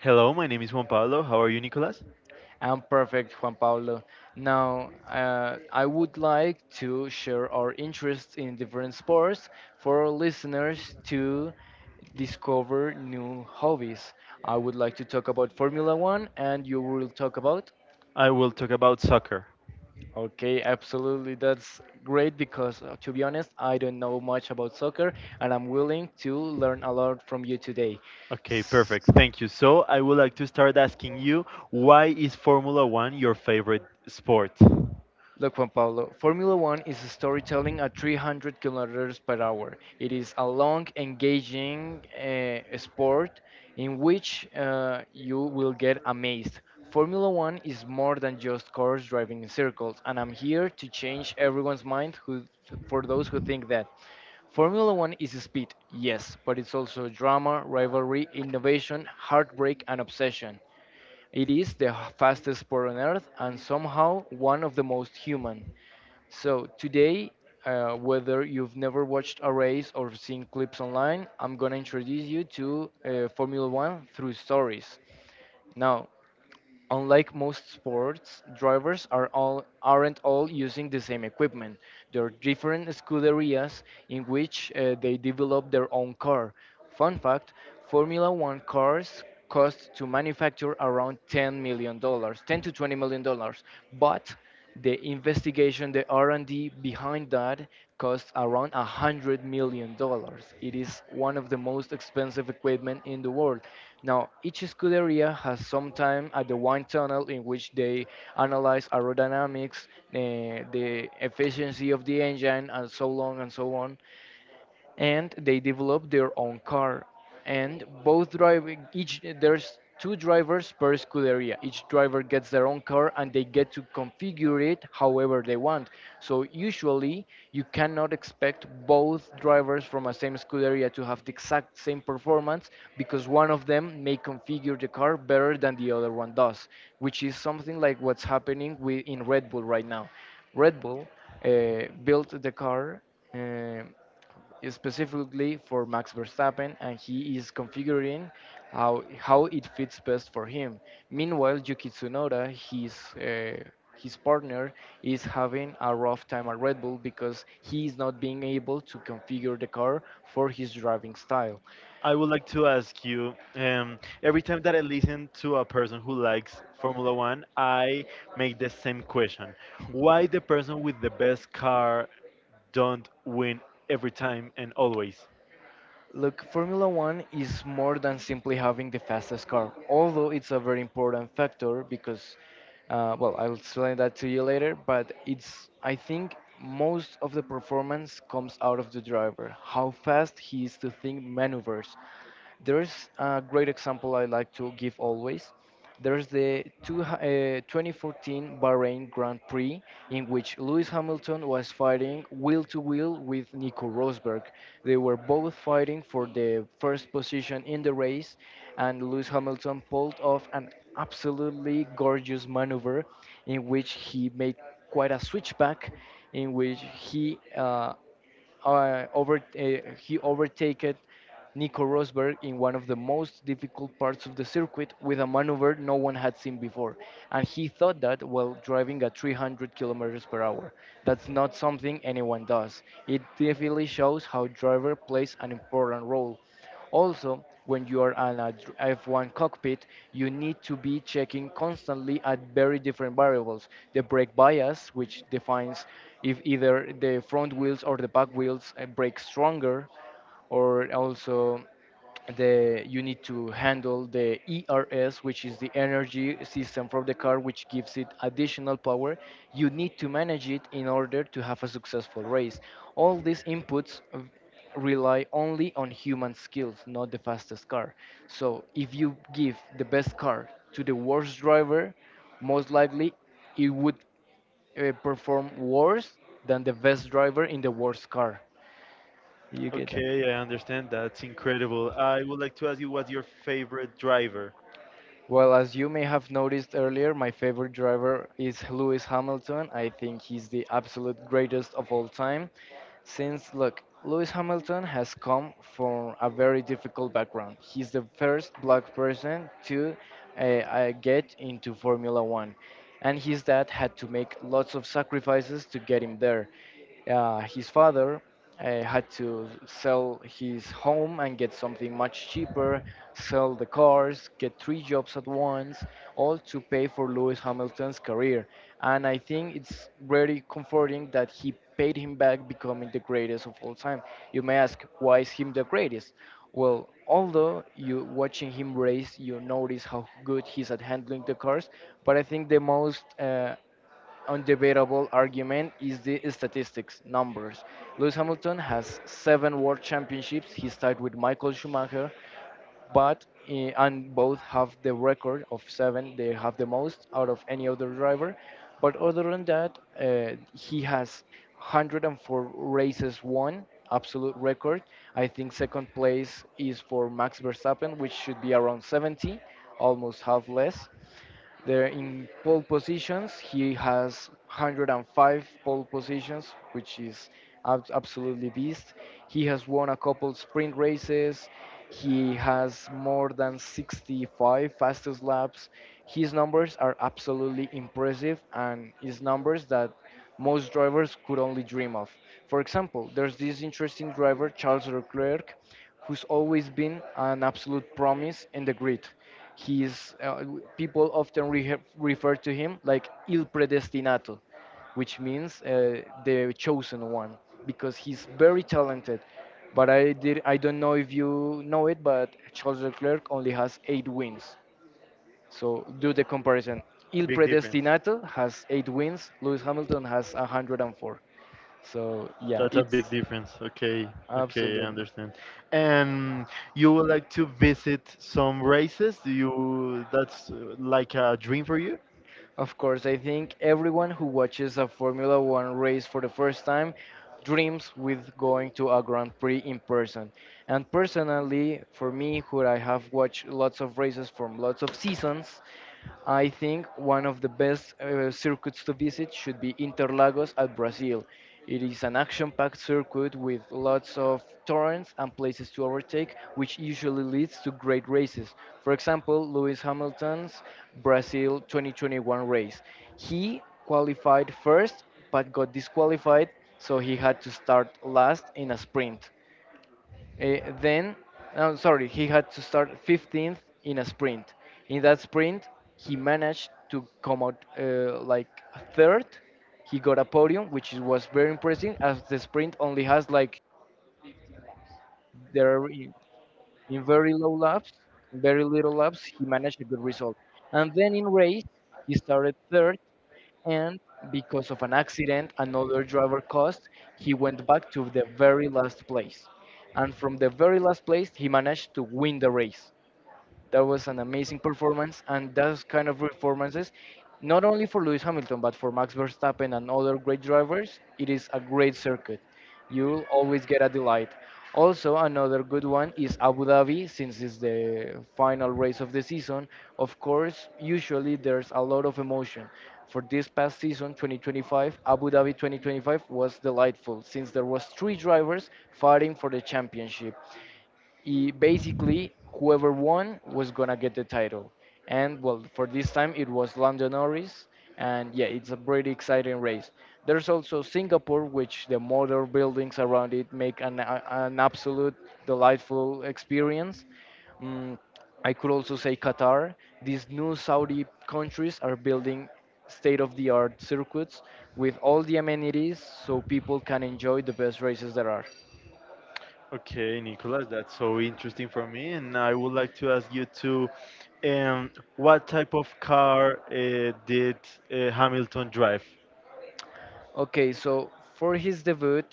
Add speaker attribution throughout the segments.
Speaker 1: Hello, my name is Juan Pablo. How are you, Nicolas? I will talk about soccer. Okay, perfect. Thank you. So, I would like to start asking you, why is Formula One your favorite sport? I would like to ask you, every time that I listen to a person who likes Formula One, I make the same question. Why the person with the best car don't win every time and always? Okay, I understand. That's incredible. I would like to ask you, what's your favorite driver? Big difference. That's a big difference. Okay, okay, I understand. And you would like to visit some races? Do you? That's like a dream for you?
Speaker 2: There in, in very low laps, very little laps, he managed a good result. And then in race, he started third, and because of an accident, another driver caused, he went back to the very last place. And from the very last place, he managed to win the race. That was an amazing performance, and those kind of performances, not only for Lewis Hamilton but for Max Verstappen and other great drivers, it is a great circuit. You'll always get a delight. Also, another good one is Abu Dhabi, since it's the final race of the season. Of course, usually there's a lot of emotion. For this past season, 2025, Abu Dhabi 2025 was delightful, since there was three drivers fighting for the championship he, basically whoever won was gonna get the title. And well, for this time it was Lando Norris, and yeah, it's a pretty exciting race. There's also Singapore, which the modern buildings around it make an absolute delightful experience. Mm, I could also say Qatar. These new Saudi countries are building state of the art circuits with all the amenities so people can enjoy the best races there are.
Speaker 1: Okay, Nicolas, that's so interesting for me, and I would like to ask you what type of car did Hamilton drive?
Speaker 2: Okay, so for his debut,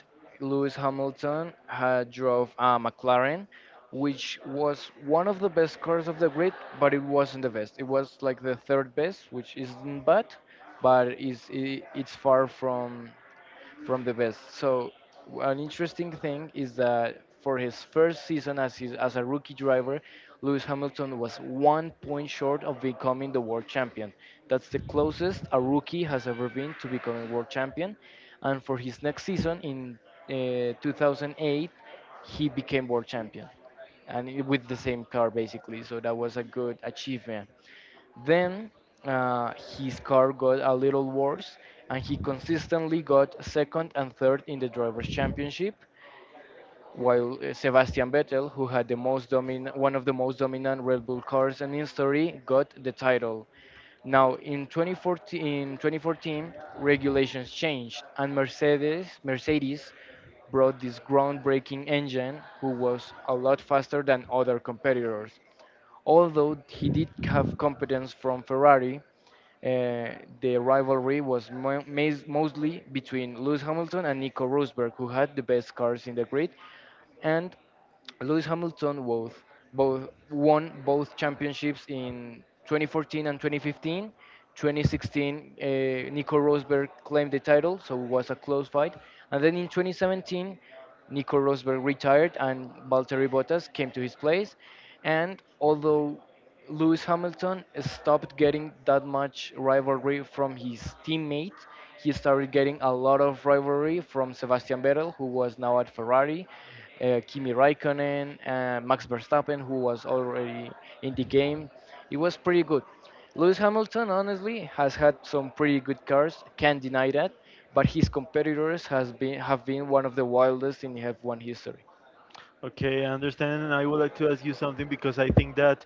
Speaker 2: Lewis Hamilton had drove a McLaren, which was one of the best cars of the grid, but it wasn't the best. It was like the third best, which isn't bad, but is I it's far from the best. So an interesting thing is that for his first season as a rookie driver, Lewis Hamilton was 1 point short of becoming the world champion. That's the closest a rookie has ever been to becoming world champion. And for his next season in 2008, he became world champion with the same car basically. So that was a good achievement. Then uh, his car got a little worse, and he consistently got second and third in the drivers' championship. While Sebastian Vettel, who had one of the most dominant Red Bull cars in history, got the title. Now, in 2014, in 2014 regulations changed, and Mercedes brought this groundbreaking engine who was a lot faster than other competitors. Although he did have competence from Ferrari, the rivalry was mostly between Lewis Hamilton and Nico Rosberg, who had the best cars in the grid, and Lewis Hamilton both, both won both championships in 2014 and 2015. 2016, Nico Rosberg claimed the title, so it was a close fight. And then in 2017, Nico Rosberg retired and Valtteri Bottas came to his place. And although Lewis Hamilton stopped getting that much rivalry from his teammate, he started getting a lot of rivalry from Sebastian Vettel, who was now at Ferrari, Kimi Raikkonen, Max Verstappen, who was already in the game. It was pretty good. Lewis Hamilton, honestly, has had some pretty good cars. Can't deny that. But his competitors has been have been one of the wildest in F1 history.
Speaker 1: Okay, I understand, and I would like to ask you something because I think that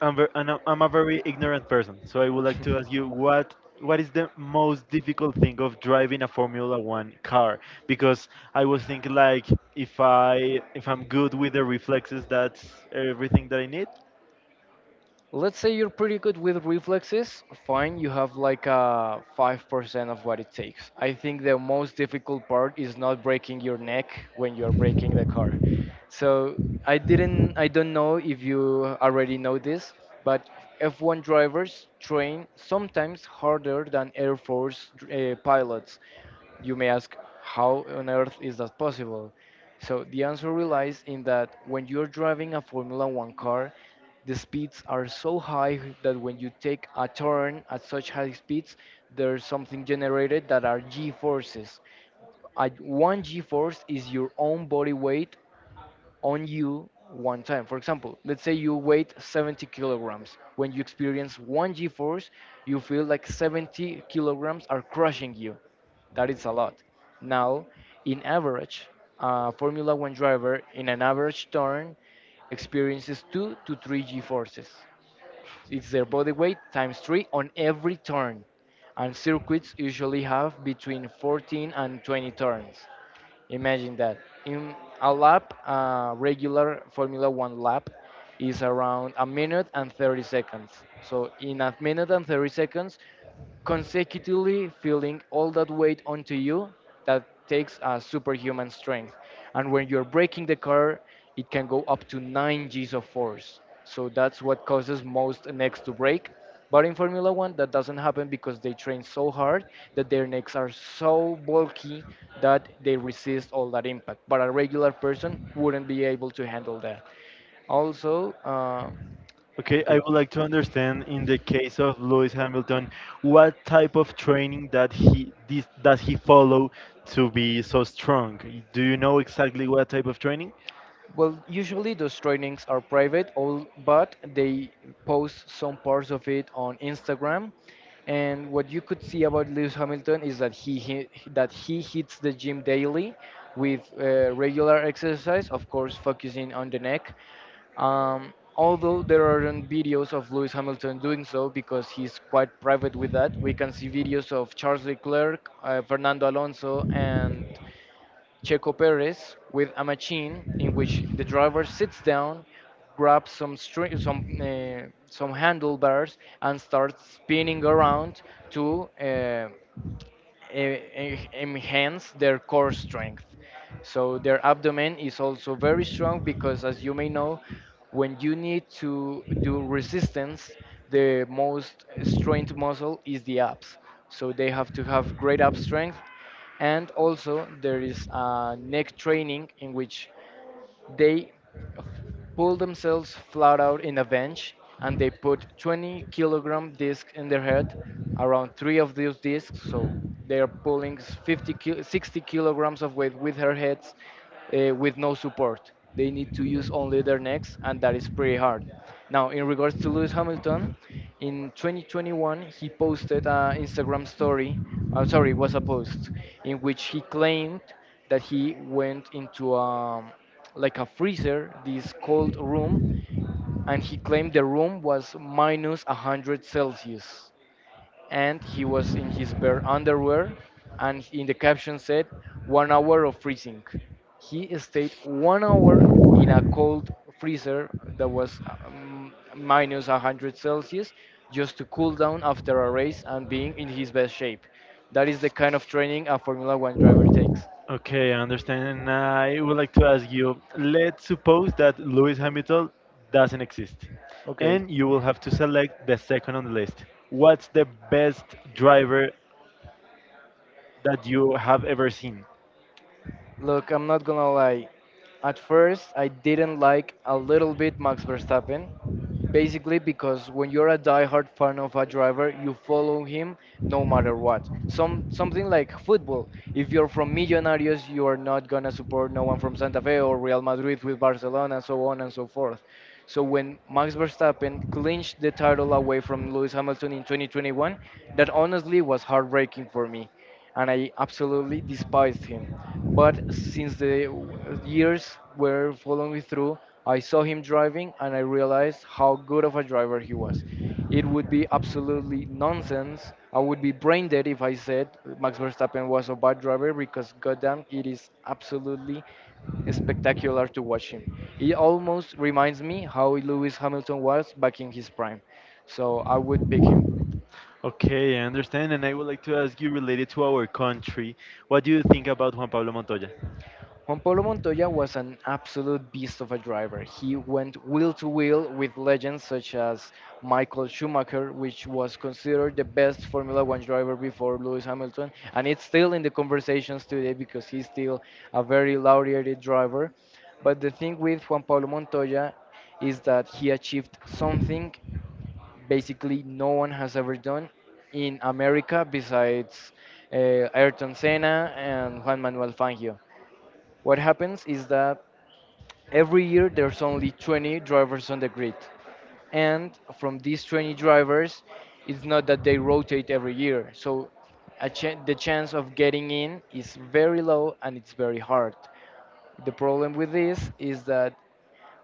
Speaker 1: I'm a very ignorant person. So I would like to ask you what is the most difficult thing of driving a Formula One car? Because I was thinking like if I if I'm good with the reflexes, that's everything that I need.
Speaker 2: Let's say you're pretty good with reflexes, fine, you have like a 5% of what it takes. I think the most difficult part is not breaking your neck when you're breaking the car. So I don't know if you already know this, but F1 drivers train sometimes harder than air force pilots. You may ask, how on earth is that possible? So the answer relies in that when you're driving a formula 1 car, the speeds are so high that when you take a turn at such high speeds, there's something generated that are g forces. One g force is your own body weight on you one time. For example, let's say you weight 70 kilograms. When you experience one g force, you feel like 70 kilograms are crushing you. That is a lot. Now, in average, a Formula One driver in an average turn experiences two to three g forces. It's their body weight times 3 on every turn, and circuits usually have between 14 and 20 turns. Imagine that. In a lap, a regular Formula 1 lap is around a minute and 30 seconds. So, in a minute and 30 seconds, consecutively feeling all that weight onto you, that takes a superhuman strength. And when you're braking the car, it can go up to 9 Gs of force. So that's what causes most necks to break. But in Formula One, that doesn't happen because they train so hard that their necks are so bulky that they resist all that impact. But a regular person wouldn't be able to handle that. Also,
Speaker 1: Okay, I
Speaker 2: okay.
Speaker 1: would like to understand, in the case of Lewis Hamilton, what type of training does he follow to be so strong? Do you know exactly what type of training?
Speaker 2: Well, usually those trainings are private, all, but they post some parts of it on Instagram. And what you could see about Lewis Hamilton is that he that he hits the gym daily with regular exercise, of course, focusing on the neck. Although there aren't videos of Lewis Hamilton doing so because he's quite private with that, we can see videos of Charles Leclerc, Fernando Alonso, and Checo Perez with a machine in which the driver sits down, grabs some string, some handlebars, and starts spinning around to e- enhance their core strength. So their abdomen is also very strong because, as you may know, when you need to do resistance, the most strained muscle is the abs. So they have to have great ab strength. And also, there is a neck training in which they f- pull themselves flat out in a bench and they put 20 kilogram disc in their head, around three of those discs. So they are pulling 60 kilograms of weight with their heads with no support. They need to use only their necks, and that is pretty hard. Now, in regards to Lewis Hamilton, in 2021, he posted an Instagram story. I'm sorry, it was a post in which he claimed that he went into a like a freezer, this cold room, and he claimed the room was minus 100 Celsius. And he was in his bare underwear, and in the caption said, 1 hour of freezing. He stayed 1 hour in a cold freezer that was minus 100 Celsius just to cool down after a race and being in his best shape. That is the kind of training a Formula One driver takes.
Speaker 1: Okay, I understand. And I would like to ask you, let's suppose that Lewis Hamilton doesn't exist,
Speaker 2: Okay.
Speaker 1: and you will have to select the second on the list. What's the best driver that you have ever seen?
Speaker 2: Look, I'm not gonna lie. At first, I didn't like a little bit Max Verstappen, basically because when you're a diehard fan of a driver, you follow him no matter what. Something like football. If you're from Millonarios, you are not gonna support no one from Santa Fe or Real Madrid with Barcelona, so on and so forth. So when Max Verstappen clinched the title away from Lewis Hamilton in 2021, that honestly was heartbreaking for me, and I absolutely despised him. But years were following me through, I saw him driving and I realized how good of a driver he was. It would be absolutely nonsense. I would be brain dead if I said Max Verstappen was a bad driver because, goddamn, it is absolutely spectacular to watch him. It almost reminds me how Lewis Hamilton was back in his prime. So I would pick him.
Speaker 1: Okay, I understand. And I would like to ask you, related to our country, what do you think about Juan Pablo Montoya?
Speaker 2: Juan Pablo Montoya was an absolute beast of a driver. He went wheel to wheel with legends such as Michael Schumacher, which was considered the best Formula One driver before Lewis Hamilton, and it's still in the conversations today because he's still a very lauded driver. But the thing with Juan Pablo Montoya is that he achieved something basically no one has ever done in America besides Ayrton Senna and Juan Manuel Fangio. What happens is that every year there's only 20 drivers on the grid. And from these 20 drivers, it's not that they rotate every year. So a chan the chance of getting in is very low and it's very hard. The problem with this is that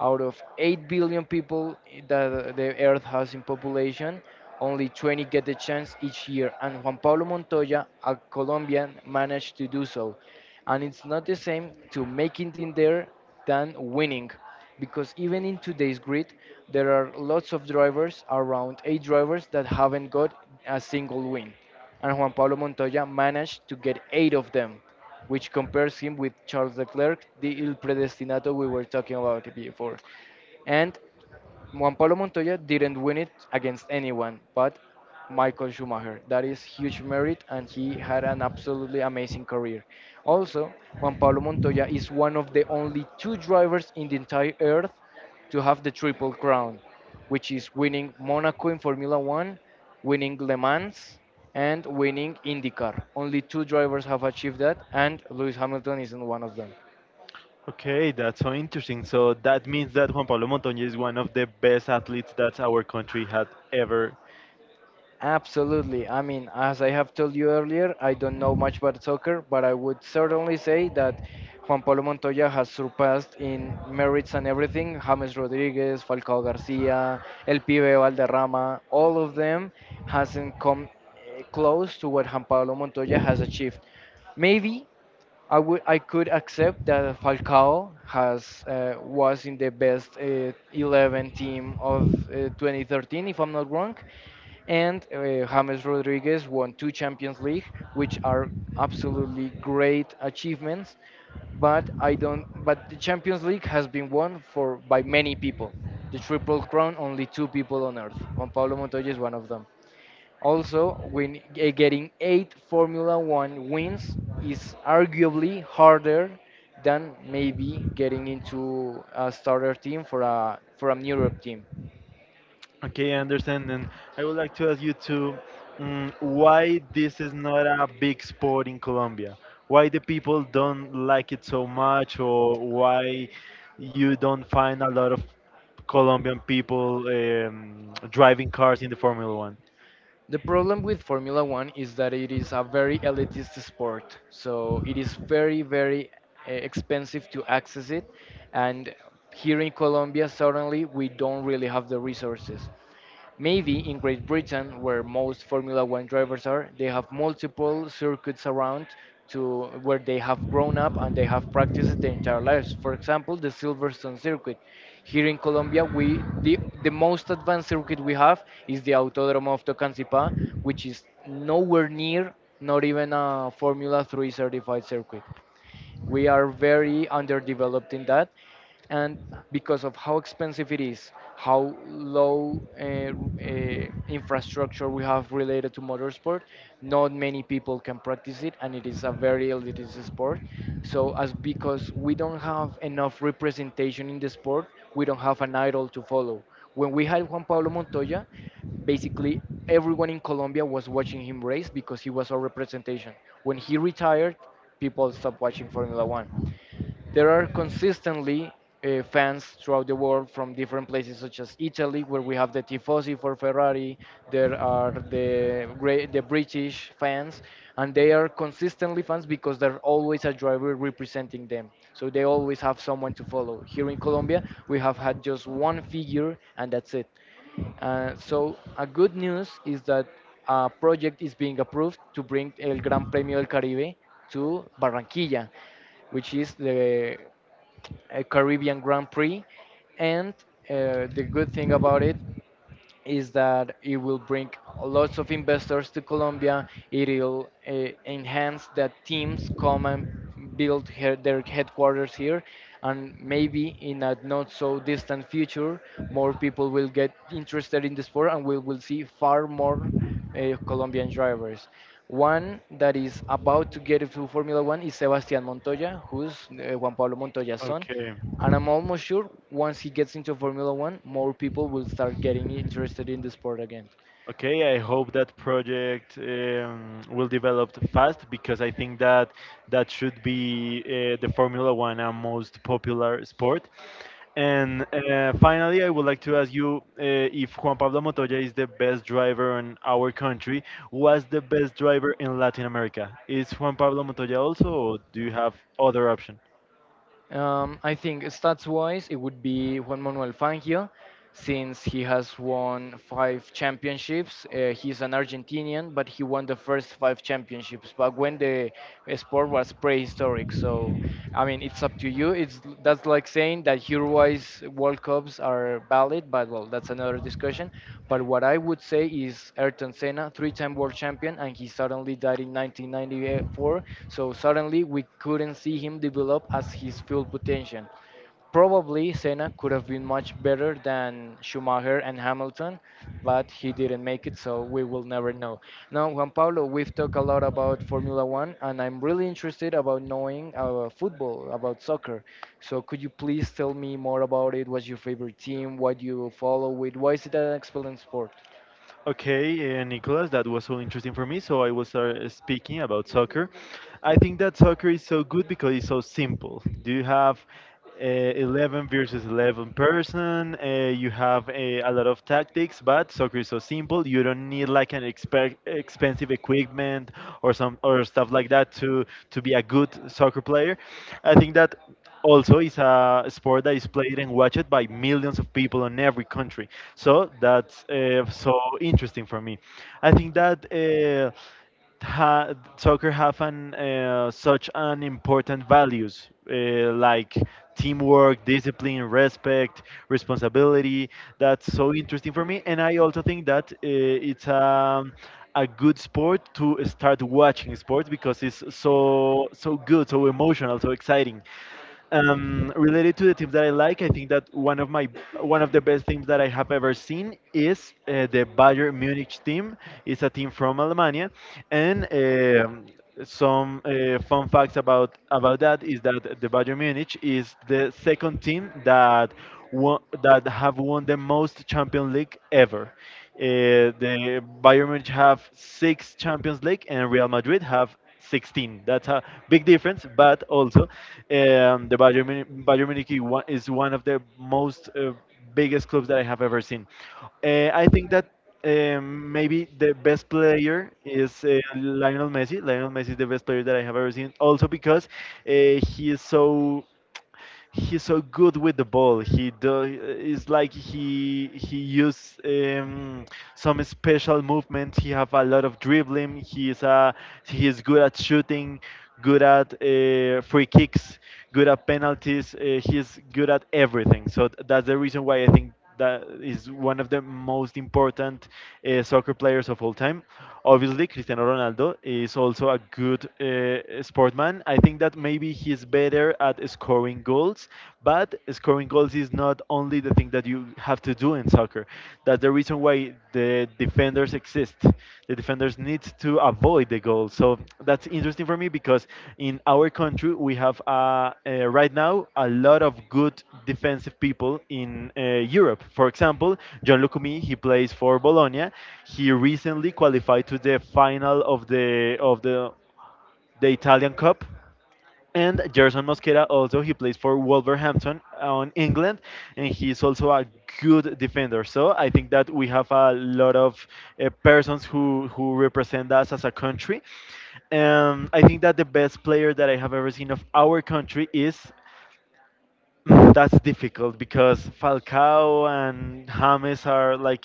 Speaker 2: out of 8 billion people that the earth has in population, only 20 get the chance each year. And Juan Pablo Montoya, a Colombian, managed to do so. And it's not the same to make it in there than winning, because even in today's grid there are lots of drivers, around eight drivers, that haven't got a single win. And Juan Pablo Montoya managed to get eight of them, which compares him with Charles Leclerc, the ill predestinato we were talking about before. And Juan Pablo Montoya didn't win it against anyone but Michael Schumacher. That is huge merit, and he had an absolutely amazing career. Also, Juan Pablo Montoya is one of the only two drivers in the entire earth to have the triple crown, which is winning Monaco in Formula One, winning Le Mans, and winning IndyCar. Only two drivers have achieved that, and Lewis Hamilton isn't one of them.
Speaker 1: Okay, that's so interesting. So that means that Juan Pablo Montoya is one of the best athletes that our country had ever.
Speaker 2: Absolutely. I mean, as I have told you earlier, I don't know much about soccer, but I would certainly say that Juan Pablo Montoya has surpassed in merits and everything James Rodriguez, Falcao Garcia, El Pibe Valderrama, all of them hasn't come close to what Juan Pablo Montoya has achieved. Maybe I could accept that Falcao has was in the best 11 team of 2013 if I'm not wrong and James Rodriguez won two Champions League, which are absolutely great achievements. But I don't. But the Champions League has been won for by many people. The Triple Crown, only two people on earth. Juan Pablo Montoya is one of them. Also, win, getting 8 Formula One wins is arguably harder than maybe getting into a starter team for an Europe team.
Speaker 1: Okay, I understand. And I would like to ask you why this is not a big sport in Colombia? Why the people don't like it so much, or why you don't find a lot of Colombian people driving cars in the Formula One?
Speaker 2: The problem with Formula One is that it is a very elitist sport, so it is very, very expensive to access it. And here in Colombia, certainly, we don't really have the resources. Maybe in Great Britain, where most Formula One drivers are, they have multiple circuits around to where they have grown up and they have practiced their entire lives. For example, the Silverstone circuit. Here in Colombia, the most advanced circuit we have is the Autódromo of Tocancipá, which is nowhere near, not even a Formula 3 certified circuit. We are very underdeveloped in that, and because of how expensive it is, how low infrastructure we have related to motorsport, not many people can practice it, and it is a very elitist sport. So, as because we don't have enough representation in the sport, we don't have an idol to follow. When we had Juan Pablo Montoya, basically everyone in Colombia was watching him race because he was our representation. When he retired, people stopped watching Formula One. There are consistently fans throughout the world from different places, such as Italy, where we have the tifosi for Ferrari. There are the British fans, and they are consistently fans because there's always a driver representing them. So they always have someone to follow. Here in Colombia, we have had just one figure, and that's it. So a good news is that a project is being approved to bring El Gran Premio del Caribe to Barranquilla, which is the Caribbean Grand Prix. And the good thing about it is that it will bring lots of investors to Colombia. It will enhance that teams come and their headquarters here, and maybe in a not so distant future, more people will get interested in the sport, and we will see far more Colombian drivers. One that is about to get into Formula One is Sebastian Montoya, who's Juan Pablo Montoya's son.
Speaker 1: Okay.
Speaker 2: And I'm almost sure once he gets into Formula One, more people will start getting interested in the sport again.
Speaker 1: Okay, I hope that project will develop fast because I think that that should be, the Formula One, most popular sport. And finally, I would like to ask you, if Juan Pablo Montoya is the best driver in our country, was the best driver in Latin America? Is Juan Pablo Montoya also, or do you have other option?
Speaker 2: I think stats wise, it would be Juan Manuel Fangio, since he has won 5 championships. He's an Argentinian, but he won the first 5 championships back when the sport was prehistoric. So, I mean, it's up to you. It's that's like saying that Uruguay's World Cups are valid, but well, that's another discussion. But what I would say is Ayrton Senna, three-time world champion, and he suddenly died in 1994. So suddenly we couldn't see him develop as his full potential. Probably Senna could have been much better than Schumacher and Hamilton, but he didn't make it, so we will never know. Now, Juan Pablo, we've talked a lot about Formula One, and I'm really interested about knowing about football, about soccer. So, could you please tell me more about it? What's your favorite team? What do you follow it? Why is it an excellent sport?
Speaker 1: Okay, Nicholas, that was so interesting for me. So I was speaking about soccer. I think that soccer is so good because it's so simple. Do you have uh, 11 versus 11 person? You have a lot of tactics, but soccer is so simple. You don't need like an expensive equipment or some or stuff like that to be a good soccer player. I think that also it's a sport that is played and watched by millions of people in every country, so that's so interesting for me. I think that soccer have an such an important values, like teamwork, discipline, respect, responsibility. That's so interesting for me, and I also think that it's a good sport to start watching sports because it's so, so good, so emotional, so exciting. Related to the teams that I like, I think that one of the best teams that I have ever seen is, the Bayern Munich team. It's a team from Alemania, and some fun facts about that is that the Bayern Munich is the second team that that have won the most Champions League ever. The Bayern Munich have six Champions League, and Real Madrid have 16. That's a big difference, but also, the Bayern Munich is one of the most, biggest clubs that I have ever seen. I think that maybe the best player is, Lionel Messi. Lionel Messi is the best player that I have ever seen, also because uh, he is so he's so good with the ball. He do, it's like he use some special movement. He have a lot of dribbling. He is good at shooting, good at free kicks, good at penalties. He's good at everything. So that's the reason why I think that is one of the most important soccer players of all time. Obviously, Cristiano Ronaldo is also a good sportman. I think that maybe he's better at scoring goals, but scoring goals is not only the thing that you have to do in soccer. That's the reason why the defenders exist. The defenders need to avoid the goal. So that's interesting for me because in our country we have right now a lot of good defensive people in, Europe. For example, John Lucumi, he plays for Bologna. He recently qualified to the final of the Italian Cup, and Gerson Mosquera, also he plays for Wolverhampton on England, and he's also a good defender. So I think that we have a lot of persons who represent us as a country. I think that the best player that I have ever seen of our country is, mm, that's difficult because Falcao and James are like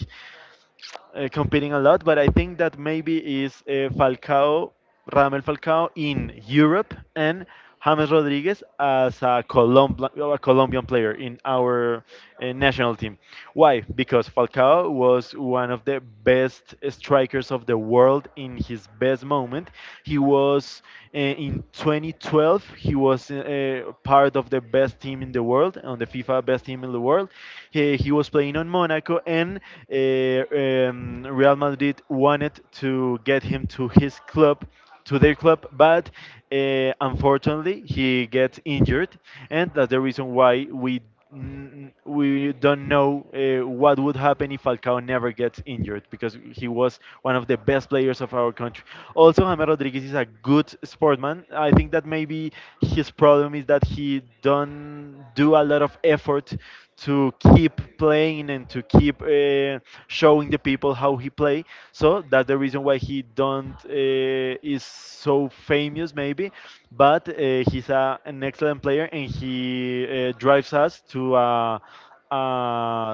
Speaker 1: competing a lot, but I think that maybe is, Falcao, Ramel Falcao in Europe, and James Rodriguez as a, Colomb- a Colombian player in our national team. Why? Because Falcao was one of the best strikers of the world in his best moment. He was, in 2012, he was part of the best team in the world, on the FIFA best team in the world. He was playing on Monaco, and Real Madrid wanted to get him to his club, to their club, but unfortunately he gets injured, and that's the reason why we don't know what would happen if Falcao never gets injured, because he was one of the best players of our country. Also, James Rodriguez is a good sportman. I think that maybe his problem is that he don't do a lot of effort to keep playing and to keep showing the people how he play. So that's the reason why he don't, is so famous maybe, but he's a, an excellent player, and he drives us to a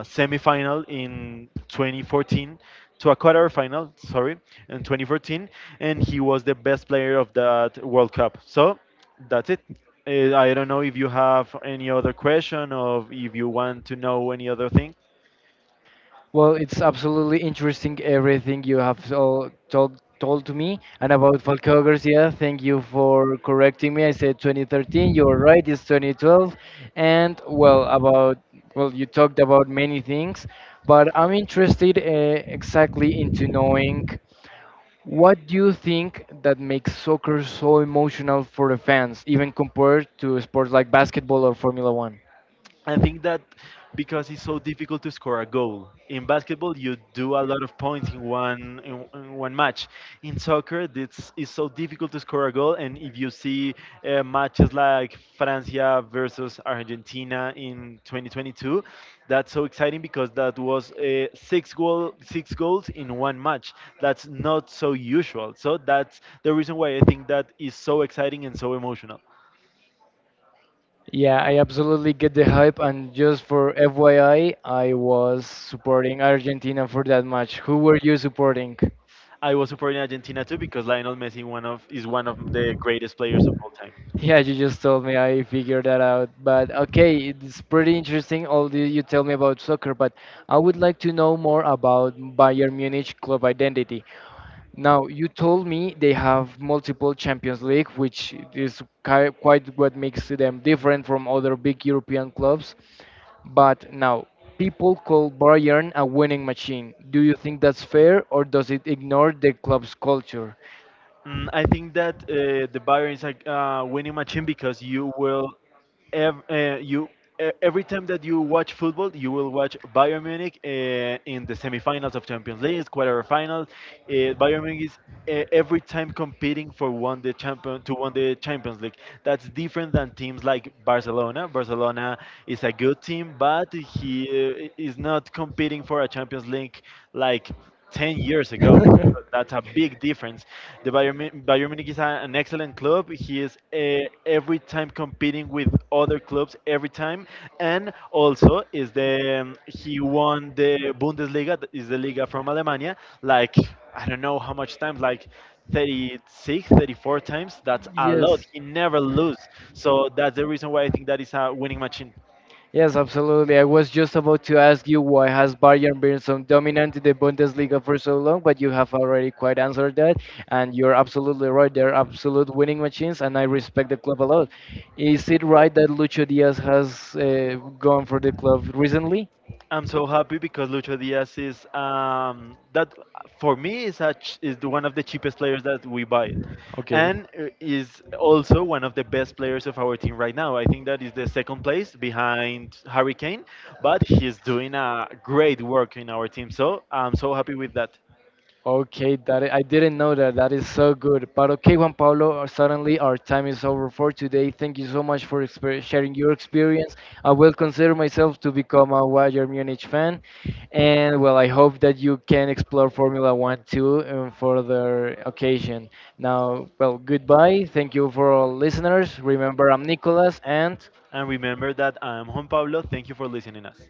Speaker 1: semifinal in 2014, to a quarterfinal, sorry, in 2014, and he was the best player of that World Cup. So that's it. I don't know if you have any other question or if you want to know any other thing.
Speaker 2: Well, it's absolutely interesting everything you have all told to me and about Falcao Garcia. Thank you for correcting me. I said 2013. You're right. It's 2012. And well, about well, you talked about many things, but I'm interested exactly into knowing what do you think that makes soccer so emotional for the fans, even compared to sports like basketball or Formula One.
Speaker 1: I think that because it's so difficult to score a goal in basketball, you do a lot of points in one match. In soccer, it's so difficult to score a goal, and if you see matches like Francia versus Argentina in 2022, that's so exciting because that was six goals in one match. That's not so usual. So that's the reason why I think that is so exciting and so emotional.
Speaker 2: Yeah, I absolutely get the hype. And just for FYI, I was supporting Argentina for that match. Who were you supporting?
Speaker 1: I was supporting Argentina too because Lionel Messi one of is one of the greatest players of all time.
Speaker 2: Yeah, you just told me. I figured that out. But okay, it's pretty interesting. All the, you tell me about soccer, but I would like to know more about Bayern Munich club identity. Now, you told me they have multiple Champions League, which is ki- quite what makes them different from other big European clubs. But now, people call Bayern a winning machine. Do you think that's fair, or does it ignore the club's culture?
Speaker 1: Mm, I think that the Bayern is a, winning machine, because you will ev- uh, you every time that you watch football, you will watch Bayern Munich in the semifinals of Champions League, quarterfinals. Bayern Munich is every time competing for one the champion to win the Champions League. That's different than teams like Barcelona. Barcelona is a good team, but he is not competing for a Champions League like 10 years ago. So that's a big difference. The Bayern Munich is a- an excellent club. He is, every time competing with other clubs every time, and also is the he won the Bundesliga, that is the Liga from Alemania. Like I don't know how much times, like 36, 34 times. That's a lot.
Speaker 2: Yes.
Speaker 1: He never lose. So that's the reason why I think that is a winning machine.
Speaker 2: Yes, absolutely. I was just about to ask you why has Bayern been so dominant in the Bundesliga for so long, but you have already quite answered that, and you're absolutely right. They're absolute winning machines, and I respect the club a lot. Is it right that Lucho Diaz has gone for the club recently?
Speaker 1: I'm so happy because Lucho Diaz is, that for me is a ch- is the- one of the cheapest players that we buy,
Speaker 2: Okay.
Speaker 1: and is also one of the best players of our team right now. I think that is the second place behind Harry Kane, but he's doing a great work in our team. So I'm so happy with that.
Speaker 2: Okay, that I didn't know that. That is so good. But okay, Juan Pablo, suddenly our time is over for today. Thank you so much for exper- sharing your experience. I will consider myself to become a Bayern Munich fan, and well, I hope that you can explore Formula One too for the occasion. Now, well, goodbye. Thank you for all listeners. Remember, I'm Nicolas, and
Speaker 1: And remember that I'm Juan Pablo. Thank you for listening us.